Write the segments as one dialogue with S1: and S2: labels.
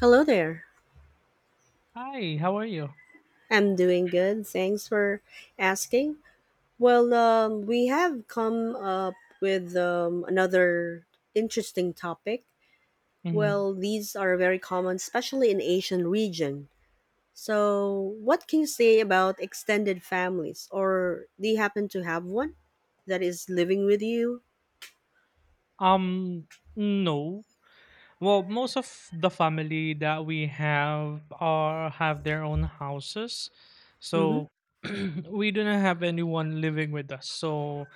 S1: Hello there.
S2: Hi, how are you?
S1: I'm doing good. Thanks for asking. Well, we have come up with another interesting topic.
S2: Hmm.
S1: Well, these are very common, especially in Asian region. So, what can you say about extended families, or do you happen to have one that is living with you?
S2: Um, no. Well, most of the family that we have are have their own houses,
S1: Mm-hmm.
S2: so we do not have anyone living with us. So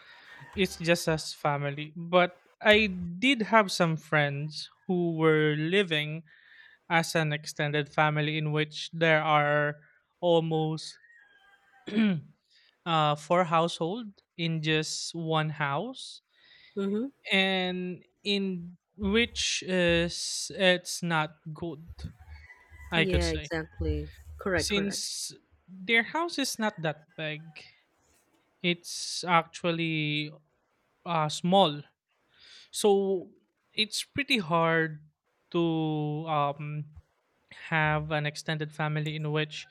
S2: it's just us family. But I did have some friends who were living as an extended family in which there are almost four household in just one house,
S1: Mm-hmm.
S2: and in which is it's not good, I could
S1: Yeah,
S2: say,
S1: exactly. Correct. Correct.
S2: since their house is not that big. It's actually small, so it's pretty hard to have an extended family in which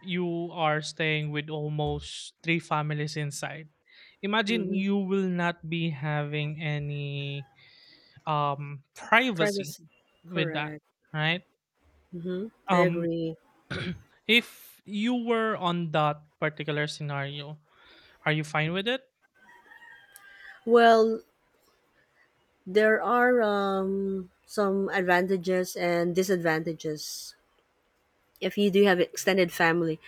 S2: you are staying with almost three families inside. Imagine,
S1: Mm-hmm.
S2: you will not be having any privacy
S1: Privacy.
S2: with that,
S1: Correct.
S2: right?
S1: Mm-hmm. I
S2: Um,
S1: agree.
S2: if you were on that particular scenario, are you fine with it?
S1: Well, there are some advantages and disadvantages if you do have extended family.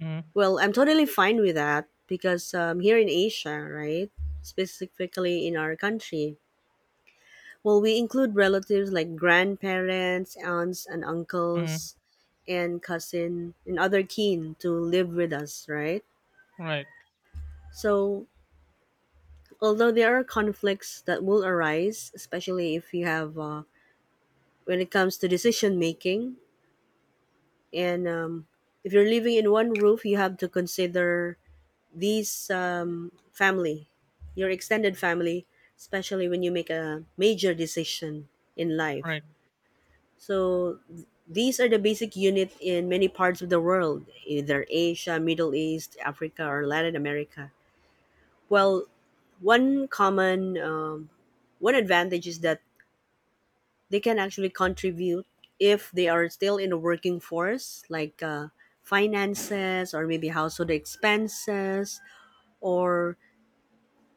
S2: Mm.
S1: Well, I'm totally fine with that because here in Asia, right, specifically in our country, well, we include relatives like grandparents, aunts, and
S2: Mm-hmm.
S1: uncles, and cousin, and other kin to live with us, right?
S2: Right.
S1: So, although there are conflicts that will arise, especially if you have, when it comes to decision making, and if you're living in one roof, you have to consider these family, your extended family, especially when you make a major decision in life.
S2: Right.
S1: So these are the basic unit in many parts of the world, either Asia, Middle East, Africa, or Latin America. Well, one common um, one advantage is that they can actually contribute if they are still in the working force, like finances or maybe household expenses, or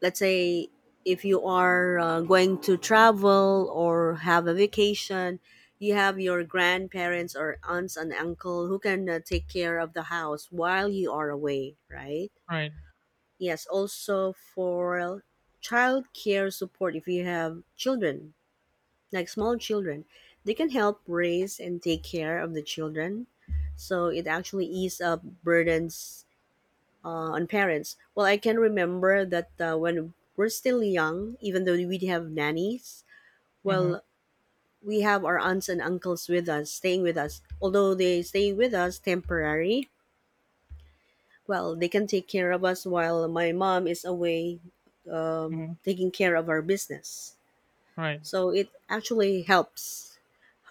S1: let's say if you are going to travel or have a vacation, you have your grandparents or aunts and uncle who can take care of the house while you are away, right?
S2: Right.
S1: Yes, also for child care support if you have children like small children, they can help raise and take care of the children. So it actually ease up burdens on parents. Well, I can remember that when we're still young, even though we have nannies,
S2: Mm-hmm.
S1: well, we have our aunts and uncles with us, staying with us. Although they stay with us temporary, well, they can take care of us while my mom is away
S2: Mm-hmm.
S1: taking care of our business.
S2: Right.
S1: So it actually helps,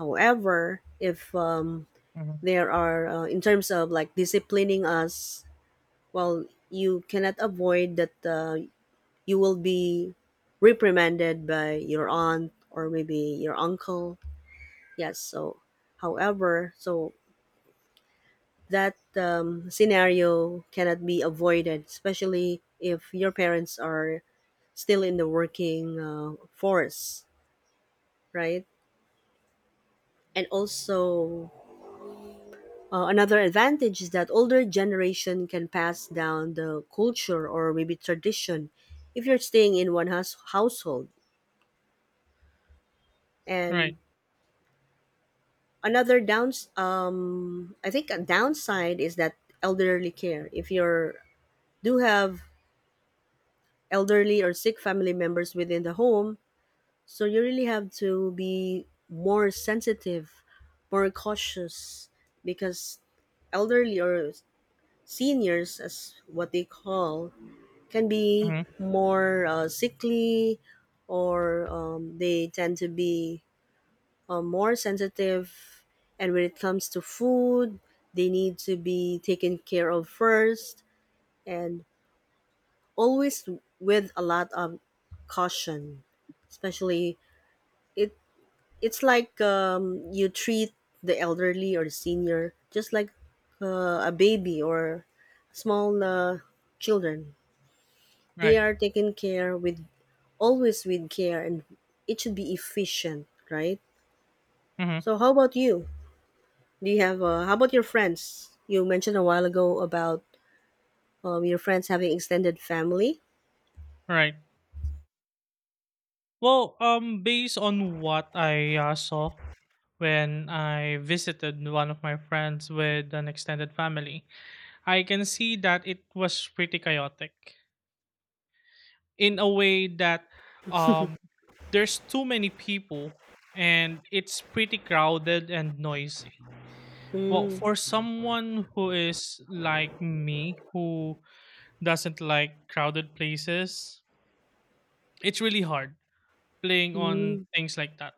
S1: however, if
S2: Mm-hmm.
S1: there are in terms of like disciplining us, well, you cannot avoid that you will be reprimanded by your aunt or maybe your uncle. Yes, so, however, so that scenario cannot be avoided, especially if your parents are still in the working force, right? And also, another advantage is that older generation can pass down the culture or maybe tradition if you're staying in one house household. And
S2: Right.
S1: another downs I think a downside is that elderly care. If you're do have elderly or sick family members within the home, so you really have to be more sensitive, more cautious because elderly or seniors, as what they call, can be
S2: Mm-hmm.
S1: more sickly, or they tend to be more sensitive, and when it comes to food they need to be taken care of first, and always with a lot of caution, especially, it it's like you treat the elderly or senior just like a baby or small children. They
S2: Right.
S1: are taken care with, always with care, and it should be efficient, right?
S2: Mm-hmm.
S1: So how about you, do you have how about your friends, you mentioned a while ago about your friends having extended family.
S2: Right. Well, based on what I saw when I visited one of my friends with an extended family, I can see that it was pretty chaotic in a way that um, there's too many people and it's pretty crowded and noisy. Well,
S1: Mm.
S2: for someone who is like me, who doesn't like crowded places, it's really hard playing on
S1: Mm.
S2: things like that.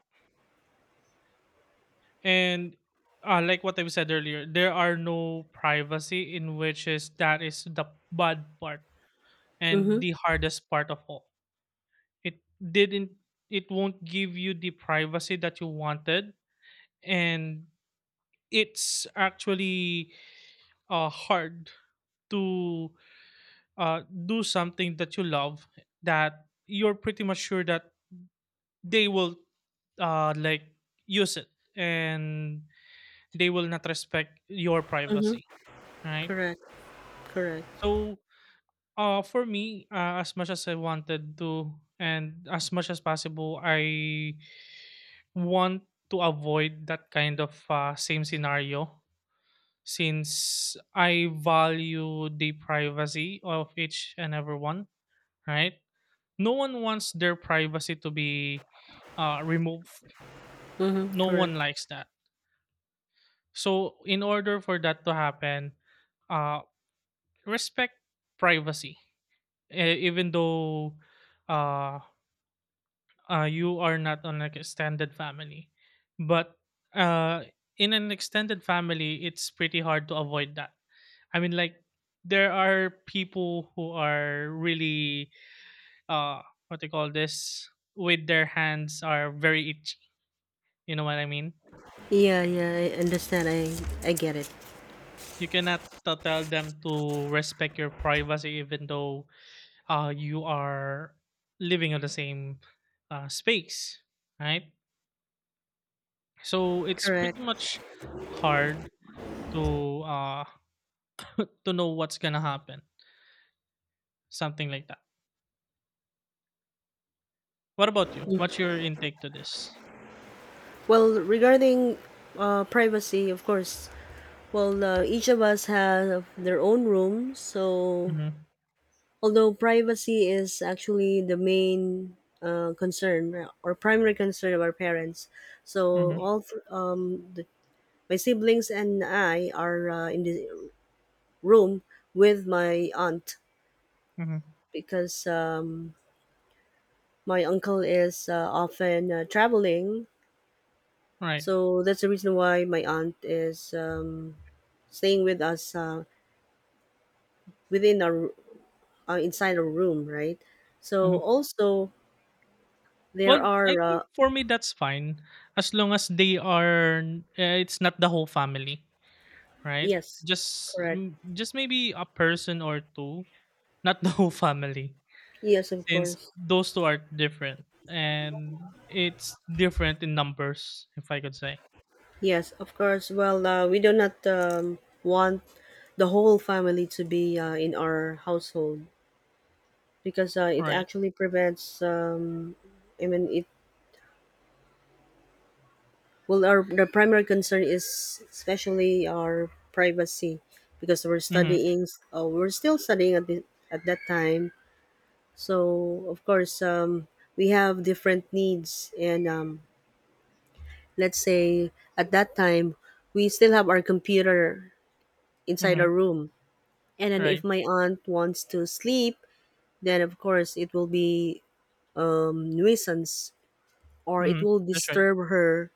S2: And like what I said earlier, there are no privacy, in which is that is the bad part and
S1: Mm-hmm.
S2: the hardest part of all. It didn't it won't give you the privacy that you wanted, and it's actually hard to do something that you love, that you're pretty much sure that they will, like, use it, and they will not respect your
S1: Mm-hmm.
S2: privacy, right?
S1: Correct. Correct.
S2: So for me, as much as I wanted to, and as much as possible, I want to avoid that kind of same scenario, since I value the privacy of each and everyone, right? No one wants their privacy to be removed.
S1: Mm-hmm.
S2: No one
S1: Correct.
S2: likes that. So, in order for that to happen, uh, respect privacy, even though. Uh, you are not on like extended family, but uh, in an extended family it's pretty hard to avoid that. I mean, like, there are people who are really, uh what they call this, with their hands are very itchy, you know what I mean?
S1: Yeah, yeah, I understand. I get it.
S2: You cannot tell them to respect your privacy, even though you are living on the same space, right? So it's pretty
S1: Correct.
S2: much hard to to know what's gonna happen, something like that. What about you? What's your intake to this?
S1: Well, regarding privacy, of course, well, each of us have their own room. So
S2: Mhm.
S1: although privacy is actually the main concern or primary concern of our parents, so
S2: Mhm.
S1: all th- um, the, my siblings and I are in the room with my aunt
S2: Mhm.
S1: because my uncle is often traveling.
S2: Right.
S1: So that's the reason why my aunt is staying with us, within our inside our room, right? So
S2: Mhm.
S1: also there
S2: Well, I
S1: are
S2: think for me that's fine, as long as they are, it's not the whole family, right?
S1: yes,
S2: Just
S1: correct.
S2: just maybe a person or two, not the whole family,
S1: Yes, of
S2: since
S1: course.
S2: those two are different and it's different in numbers, if I could say.
S1: Yes, of course. Well, we do not want the whole family to be in our household because it
S2: Right.
S1: actually prevents. I mean, it well, our the primary concern is especially our privacy because we're
S2: Mhm.
S1: studying. We're still studying at at that time. So of course, we have different needs, and let's say at that time we still have our computer inside
S2: Mhm.
S1: our room. And then
S2: Right.
S1: if my aunt wants to sleep, then of course it will be nuisance, or it
S2: Mhm.
S1: will
S2: That's right.
S1: disturb her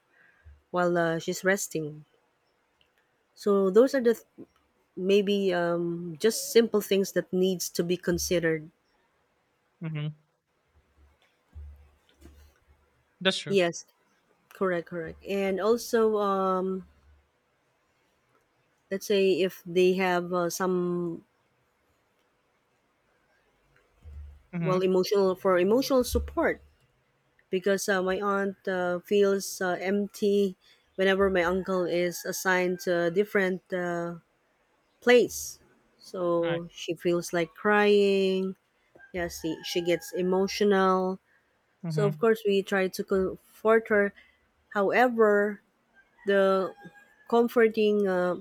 S1: while she's resting. So those are the maybe just simple things that needs to be considered.
S2: Mhm. That's true.
S1: Yes, correct, correct. And also, let's say if they have some, well,
S2: Mhm.
S1: emotional support, because my aunt feels empty whenever my uncle is assigned to different place.
S2: Right.
S1: So she feels like crying. Yeah, see, she gets emotional. So of
S2: Mhm.
S1: course we try to comfort her. However, the comforting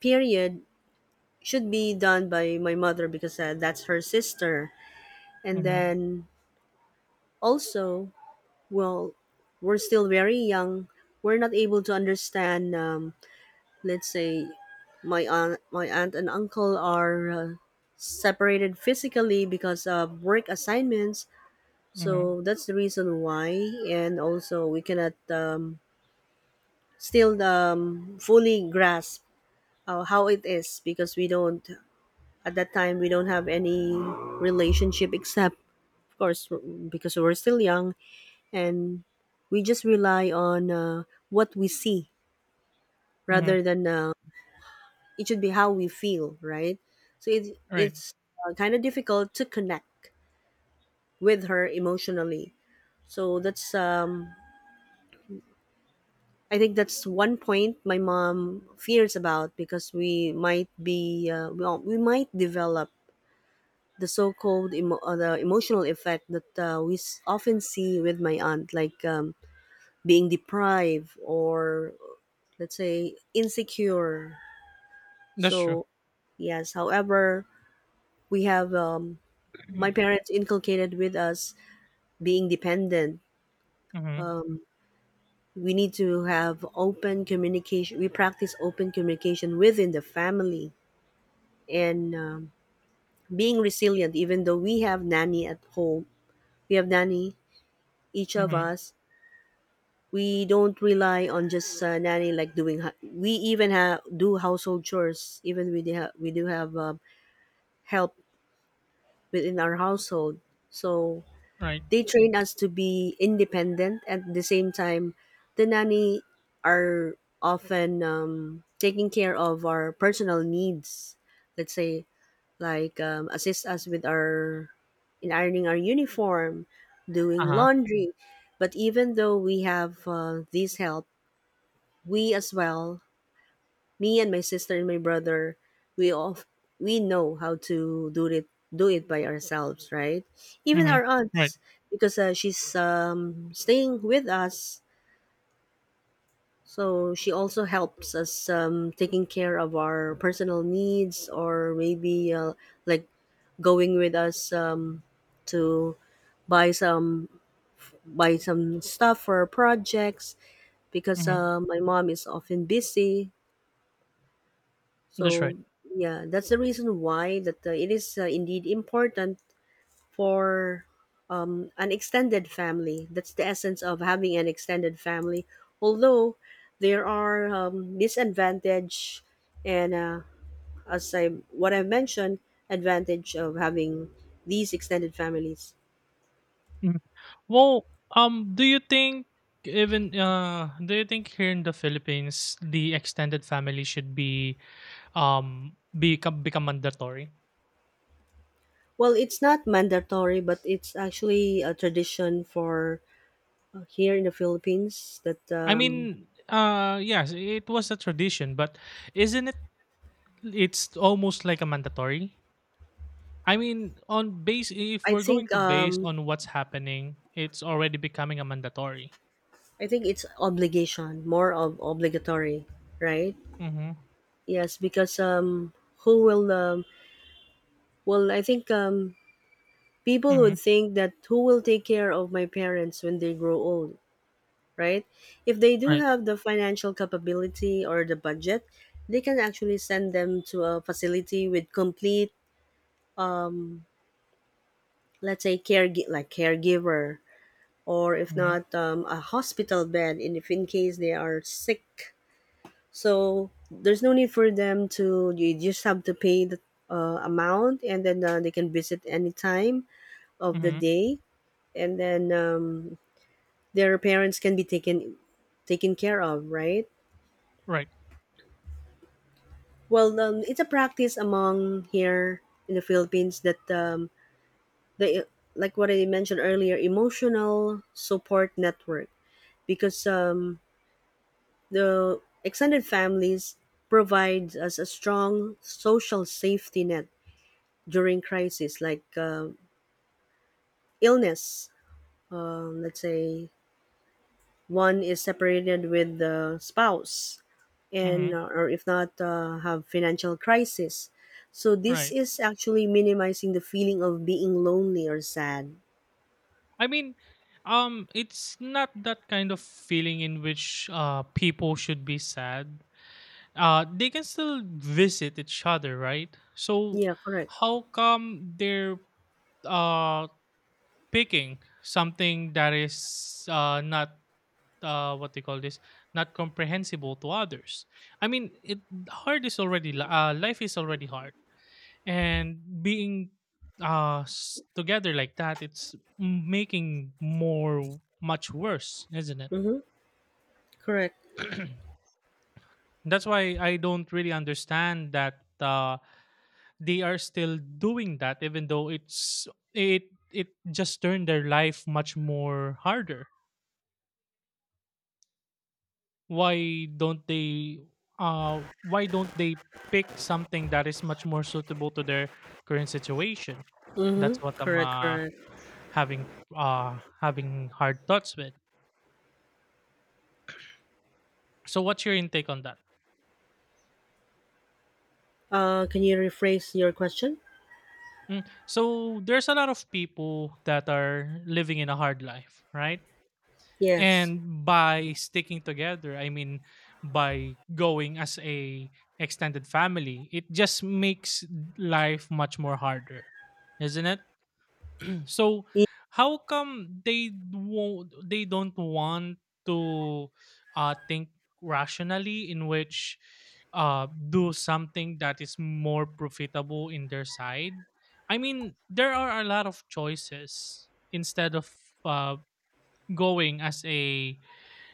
S1: period should be done by my mother because that's her sister. And
S2: Mhm.
S1: then also, well, we're still very young. We're not able to understand, let's say, my aunt and uncle are separated physically because of work assignments.
S2: Mhm.
S1: So that's the reason why. And also we cannot still fully grasp how it is because we don't, at that time we don't have any relationship except, of course, because we're still young, and we just rely on what we see
S2: Mhm.
S1: rather than it should be how we feel, right? So
S2: Right.
S1: it's kind of difficult to connect with her emotionally. So that's I think that's one point my mom fears about because we might be well, we might develop the so-called the emotional effect that often see with my aunt, like being deprived or let's say insecure.
S2: That's true.
S1: So yes, however, we have my parents inculcated with us being dependent.
S2: Mhm.
S1: We need to have open communication. We practice open communication within the family. And being resilient, even though we have nanny at home, we have nanny, each of
S2: Mhm.
S1: us. We don't rely on just nanny, like we even have do household chores, even we do have help within our household. So
S2: Right.
S1: they train us to be independent at the same time. The nanny are often taking care of our personal needs. Let's say like assist us with our in ironing our uniform, doing
S2: Uh-huh.
S1: laundry. But even though we have this help, we as well, me and my sister and my brother, we all we know how to do it, do it by ourselves, right? Even
S2: Mhm.
S1: our
S2: Right.
S1: aunts, because she's staying with us, so she also helps us taking care of our personal needs, or maybe like going with us to buy some buy some stuff for our projects because
S2: Mhm.
S1: my mom is often busy.
S2: That's right.
S1: So yeah, that's the reason why that it is indeed important for an extended family. That's the essence of having an extended family. Although there are disadvantage and as I what I mentioned, advantage of having these extended families.
S2: Mhm. Well, do you think, even do you think, here in the Philippines the extended family should be become mandatory?
S1: Well, it's not mandatory, but it's actually a tradition for here in the Philippines that
S2: I mean, yes, it was a tradition, but isn't it it's almost like a mandatory. I mean, on base, if
S1: I
S2: we're going
S1: think
S2: to base
S1: um,
S2: on what's happening, it's already becoming a mandatory.
S1: I think it's obligation, more of obligatory, right?
S2: Mhm.
S1: Yes, because who will well, I think people
S2: Mhm.
S1: would think that who will take care of my parents when they grow old, right? If they do
S2: Right.
S1: have the financial capability or the budget, they can actually send them to a facility with complete, let's say, care like caregiver, or if
S2: Mhm.
S1: not, a hospital bed, and if in case they are sick. So there's no need for them to. You just have to pay the amount, and then they can visit any time of the
S2: Mhm.
S1: day, and then their parents can be taken care of, right?
S2: Right.
S1: Well, it's a practice among here in the Philippines that the like what I mentioned earlier, emotional support network, because the extended families provides us a strong social safety net during crises like illness. Let's say one is separated with the spouse, and
S2: Mhm.
S1: or if not, have financial crisis. So this
S2: Right.
S1: is actually minimizing the feeling of being lonely or sad.
S2: I mean, it's not that kind of feeling in which people should be sad. They can still visit each other, right? So
S1: Yeah, correct.
S2: how come they're uh picking something that is not, what they call this, not comprehensible to others. I mean, it hard is already li- life is already hard, and being together like that, it's making more much worse, isn't it?
S1: Mm-hmm. Correct.
S2: That's why I don't really understand that they are still doing that, even though it just turned their life much more harder. Why don't they, uh why don't they pick something that is much more suitable to their current situation?
S1: Mm-hmm.
S2: That's what I'm
S1: Correct. Correct.
S2: having having hard thoughts with. So what's your intake on that?
S1: Can you rephrase your question?
S2: So there's a lot of people that are living in a hard life, right?
S1: Yes.
S2: And by sticking together, I mean, by going as a extended family, it just makes life much more harder, isn't it? So
S1: Y-
S2: how come they don't want to think rationally, in which do something that is more profitable in their side? I mean, there are a lot of choices instead of uh going as a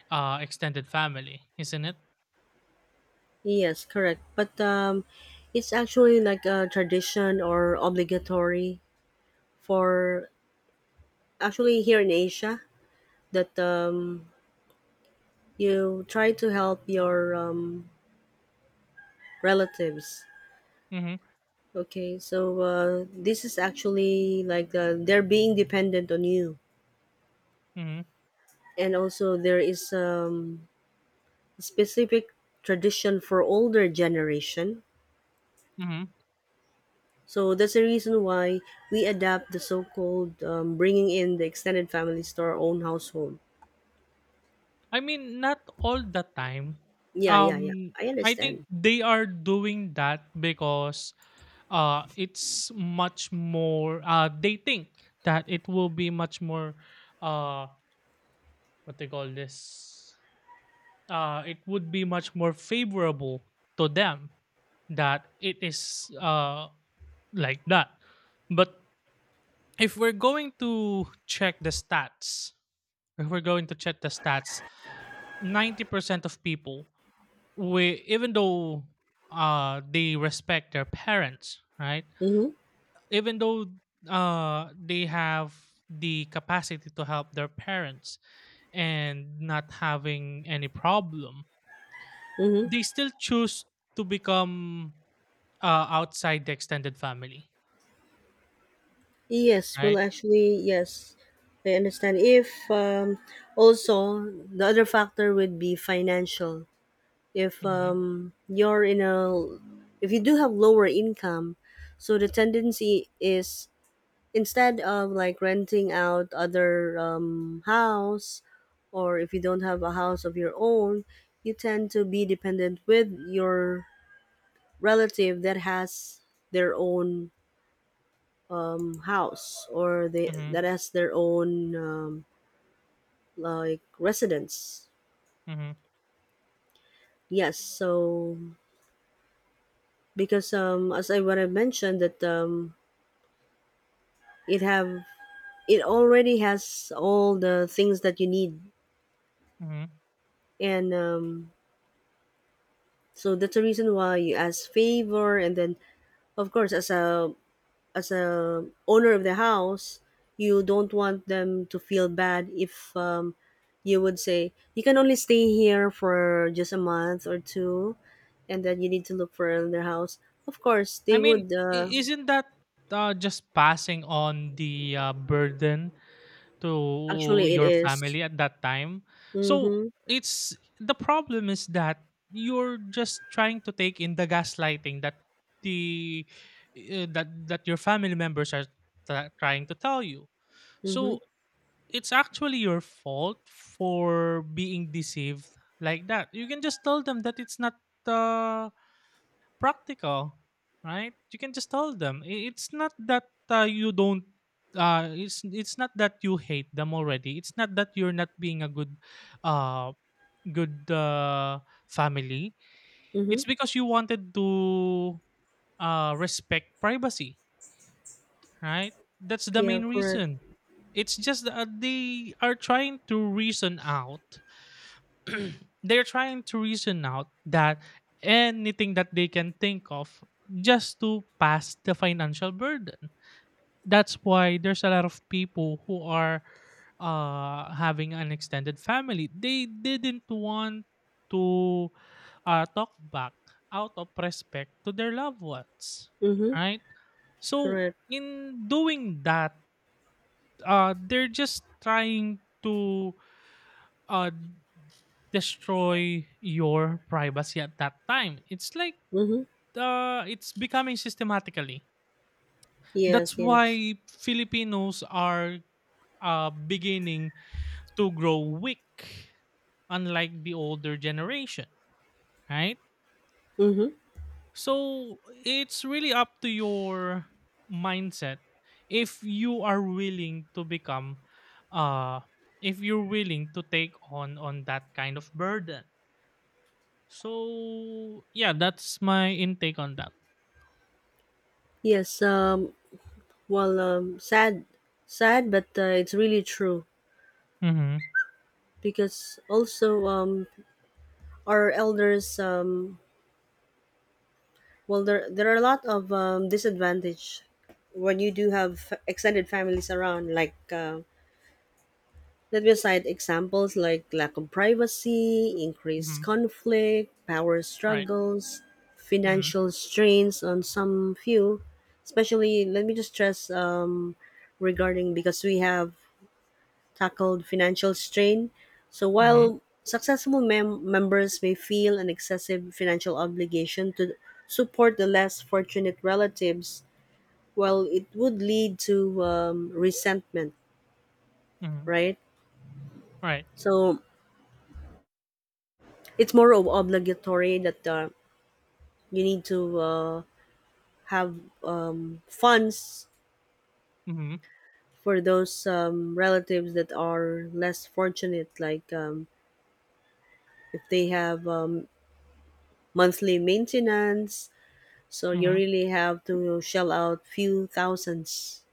S2: extended family, isn't it?
S1: Yes, correct. But it's actually like a tradition or obligatory for actually here in Asia that you try to help your relatives.
S2: Mhm.
S1: Okay, so this is actually like they're being dependent on you,
S2: Mhm.
S1: and also there is specific tradition for older generation.
S2: Mhm.
S1: So that's the reason why we adapt the so-called bringing in the extended families to our own household.
S2: I mean, not all the time.
S1: Yeah.
S2: Um
S1: I
S2: I think
S1: understand.
S2: they are doing that because it's much more, they think that it will be much more, uh what they call this, it would be much more favorable to them, that it is, like that. But if we're going to check the stats, if we're going to check the stats 90% of people, we even though they respect their parents, right?
S1: Mm-hmm.
S2: Even though they have the capacity to help their parents and not having any problem,
S1: Mm-hmm.
S2: they still choose to become, outside the extended family,
S1: Yes, well,
S2: right?
S1: actually, yes, I understand. If also the other factor would be financial. If
S2: Hmm.
S1: if you do have lower income, so the tendency is, instead of like renting out other house, or if you don't have a house of your own, you tend to be dependent with your relative that has their own house, or they
S2: Hmm.
S1: that has their own like residence.
S2: Hmm.
S1: Yes, so because as I what I mentioned that it have it already has all the things that you need,
S2: Hmm.
S1: and so that's the reason why you ask favor, and then of course, as a owner of the house, you don't want them to feel bad if you would say you can only stay here for just a month or two, and then you need to look for another house. Of course,
S2: I
S1: they
S2: mean,
S1: would.
S2: isn't that just passing on the burden to
S1: Actually, it
S2: your
S1: is.
S2: family at that time. So,
S1: Mhm.
S2: it's the problem is that you're just trying to take in the gaslighting that the that that your family members are trying to tell you.
S1: Mhm.
S2: So, it's actually your fault for being deceived like that. You can just tell them that it's not the practical, right? You can just tell them, it's not that you don't. It's not that you hate them already. It's not that you're not being a good, uh, good uh, family.
S1: Mhm.
S2: It's because you wanted to respect privacy, right? That's the
S1: Yeah.
S2: main
S1: Correct.
S2: reason. It's just that they are trying to reason out, they're trying to reason out that anything that they can think of, just to pass the financial burden. That's why there's a lot of people who are having an extended family. They didn't want to talk back out of respect to their loved ones,
S1: Mhm.
S2: right? So
S1: Correct.
S2: in doing that, they're just trying to uh, destroy your privacy at that time. It's like
S1: Mhm.
S2: it's becoming systematically. That's
S1: Yes. Yes.
S2: why Filipinos are beginning to grow weak, unlike the older generation, right?
S1: Mhm.
S2: So it's really up to your mindset, if you are willing to become, uh if you're willing to take on that kind of burden. So yeah, that's my intake on that.
S1: Yes. Well. Sad. Sad, but it's really true
S2: Mhm.
S1: because also our elders, well there are a lot of disadvantage when you do have extended families around, like let me cite examples like lack of privacy, increased
S2: Mhm.
S1: conflict, power
S2: Right.
S1: struggles,
S2: Mhm.
S1: financial strains on some few. Especially let me just stress regarding, because we have tackled financial strain. So
S2: Mhm.
S1: while successful members may feel an excessive financial obligation to support the less fortunate relatives, well, it would lead to resentment,
S2: Mhm.
S1: right?
S2: Right.
S1: So it's more of obligatory that you need to have funds
S2: Mhm.
S1: for those relatives that are less fortunate, like if they have monthly maintenance. So you
S2: Mhm.
S1: really have to shell out few thousands.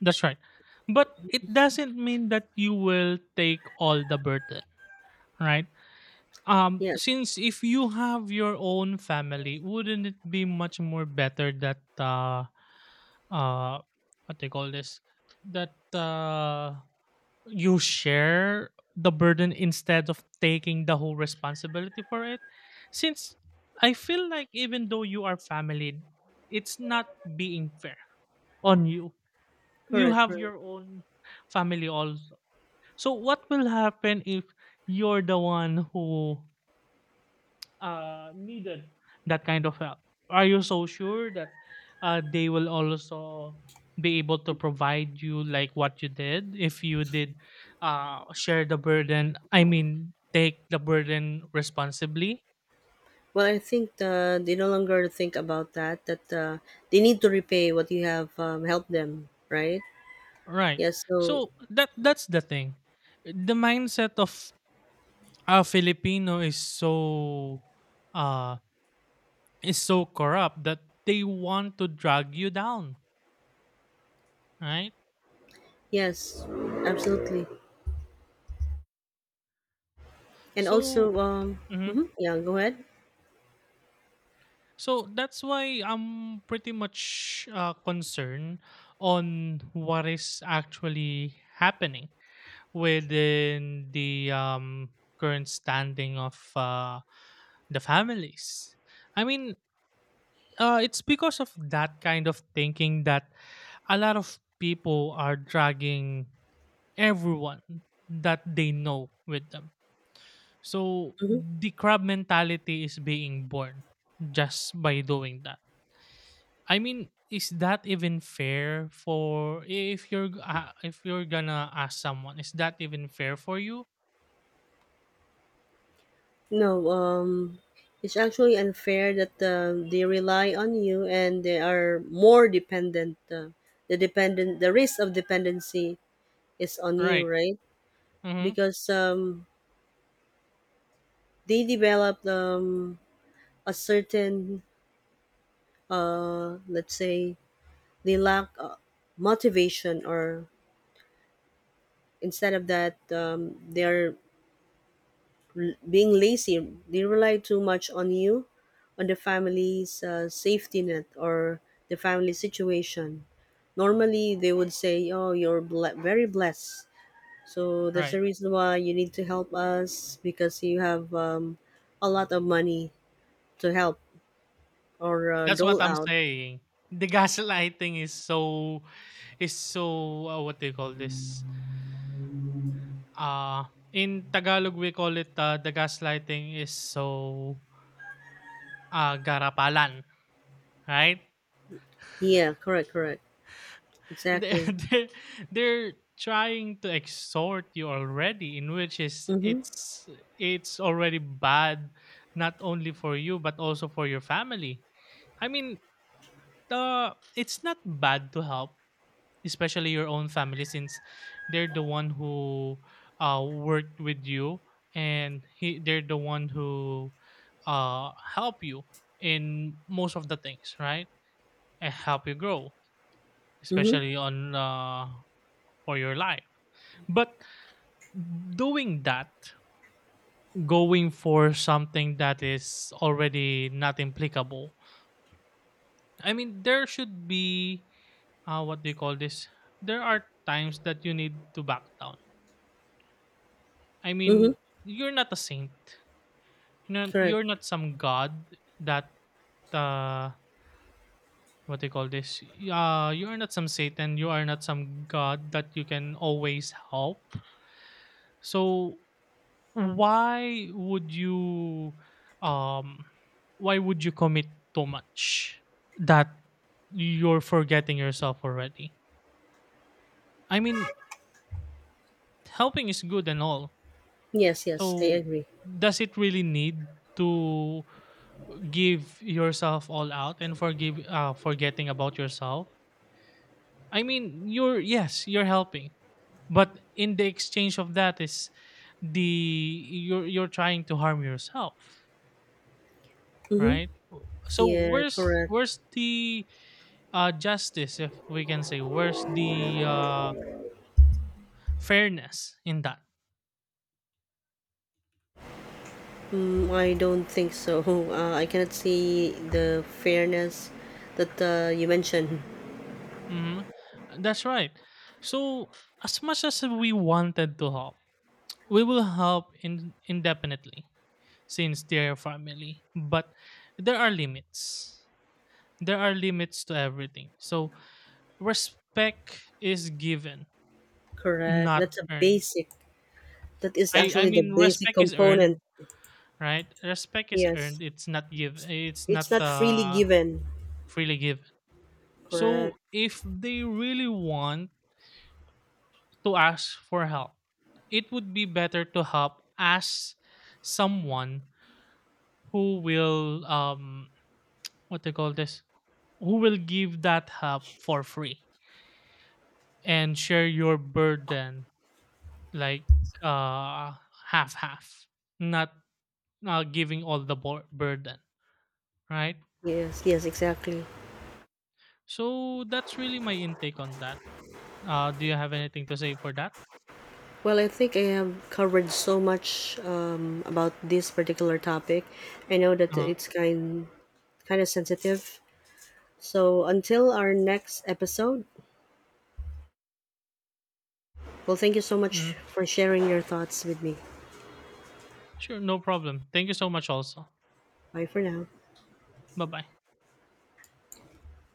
S2: That's right. But it doesn't mean that you will take all the burden, right?
S1: Yes,
S2: Since if you have your own family, wouldn't it be much more better that, uh what they call this, that you share the burden, instead of taking the whole responsibility for it, since I feel like, even though you are family, it's not being fair on you. You
S1: correct,
S2: have
S1: correct.
S2: your own family also. So what will happen if you're the one who needed that kind of help? Are you so sure that they will also be able to provide you like what you did, if you did share the burden? I mean, take the burden responsibly,
S1: Well, I think they no longer think about that. That they need to repay what you have helped them, right?
S2: right?
S1: Yes. So
S2: So that's the thing. The mindset of a Filipino is so, uh is so corrupt, that they want to drag you down, right?
S1: yes, absolutely. And
S2: So,
S1: also,
S2: mm-hmm.
S1: mhm, yeah. Go ahead.
S2: So that's why I'm pretty much concerned on what is actually happening within the current standing of the families. I mean, it's because of that kind of thinking that a lot of people are dragging everyone that they know with them. So
S1: Hmm.
S2: the crab mentality is being born just by doing that. I mean, is that even fair for, if you're gonna ask someone? Is that even fair for you?
S1: No, it's actually unfair that they rely on you and they are more dependent. The risk of dependency is on you,
S2: Right.
S1: right?
S2: Mm-hmm.
S1: Because they develop a certain, let's say, they lack motivation, or instead of that, they're being lazy. They rely too much on you, on the family's safety net, or the family situation. Normally, they would say, "Oh, you're very blessed. So that's
S2: Right.
S1: the reason why you need to help us because you have a lot of money to help or
S2: That's what
S1: dole
S2: I'm
S1: out."
S2: saying. The gaslighting is so, is so what do you call this? In Tagalog we call it, the gaslighting is so garapalan, right?
S1: Yeah, correct, correct,
S2: They
S1: exactly.
S2: they're trying to exhort you already, in which is
S1: Mm-hmm.
S2: it's, already bad, not only for you but also for your family. I mean, it's not bad to help, especially your own family, since they're the one who worked with you, and they're the one who help you in most of the things, right? And help you grow,
S1: Mm-hmm.
S2: especially on for your life. But doing that, going for something that is already not applicable, I mean, there should be, what do you call this? There are times that you need to back down. I
S1: Mm-hmm.
S2: mean, you're not a saint. You know,
S1: Correct.
S2: you're not some god that, uh, what do you call this? You are not some Satan. You are not some god that you can always help. So why would you, um commit too much, that you're forgetting yourself already? I mean, helping is good and all.
S1: Yes, yes, I
S2: So
S1: agree.
S2: does it really need to give yourself all out, and forgive forgetting about yourself? I mean, you're yes, you're helping, but in the exchange of that is, the you're trying to harm yourself,
S1: Mm-hmm.
S2: right? So
S1: Yeah,
S2: where's,
S1: correct.
S2: the justice, if we can say, where's the fairness in that?
S1: Mm, I don't think so. I cannot see the fairness that you mentioned.
S2: Hmm. That's right. So as much as we wanted to help, we will help, indefinitely, since they're family. But there are limits. There are limits to everything. So respect is given,
S1: Correct.
S2: not
S1: That's a
S2: earned.
S1: basic. That is
S2: I
S1: actually the
S2: mean
S1: basic
S2: respect is
S1: component.
S2: earned, right? Respect is
S1: Yes,
S2: earned. It's not give. It's
S1: it's
S2: not
S1: not freely given.
S2: freely given.
S1: Correct.
S2: So if they really want to ask for help, it would be better to help as someone who will, what they call this, who will give that help for free and share your burden, like uh half half, not giving all the burden, right?
S1: Yes. Yes. Exactly.
S2: So that's really my intake on that. Do you have anything to say for that?
S1: Well, I think I have covered so much about this particular topic. I know that
S2: Uh-huh.
S1: it's kind of sensitive. So until our next episode, well, thank you so much
S2: Mhm.
S1: for sharing your thoughts with me.
S2: Sure, no problem. Thank you so much also.
S1: Bye for now.
S2: Bye-bye.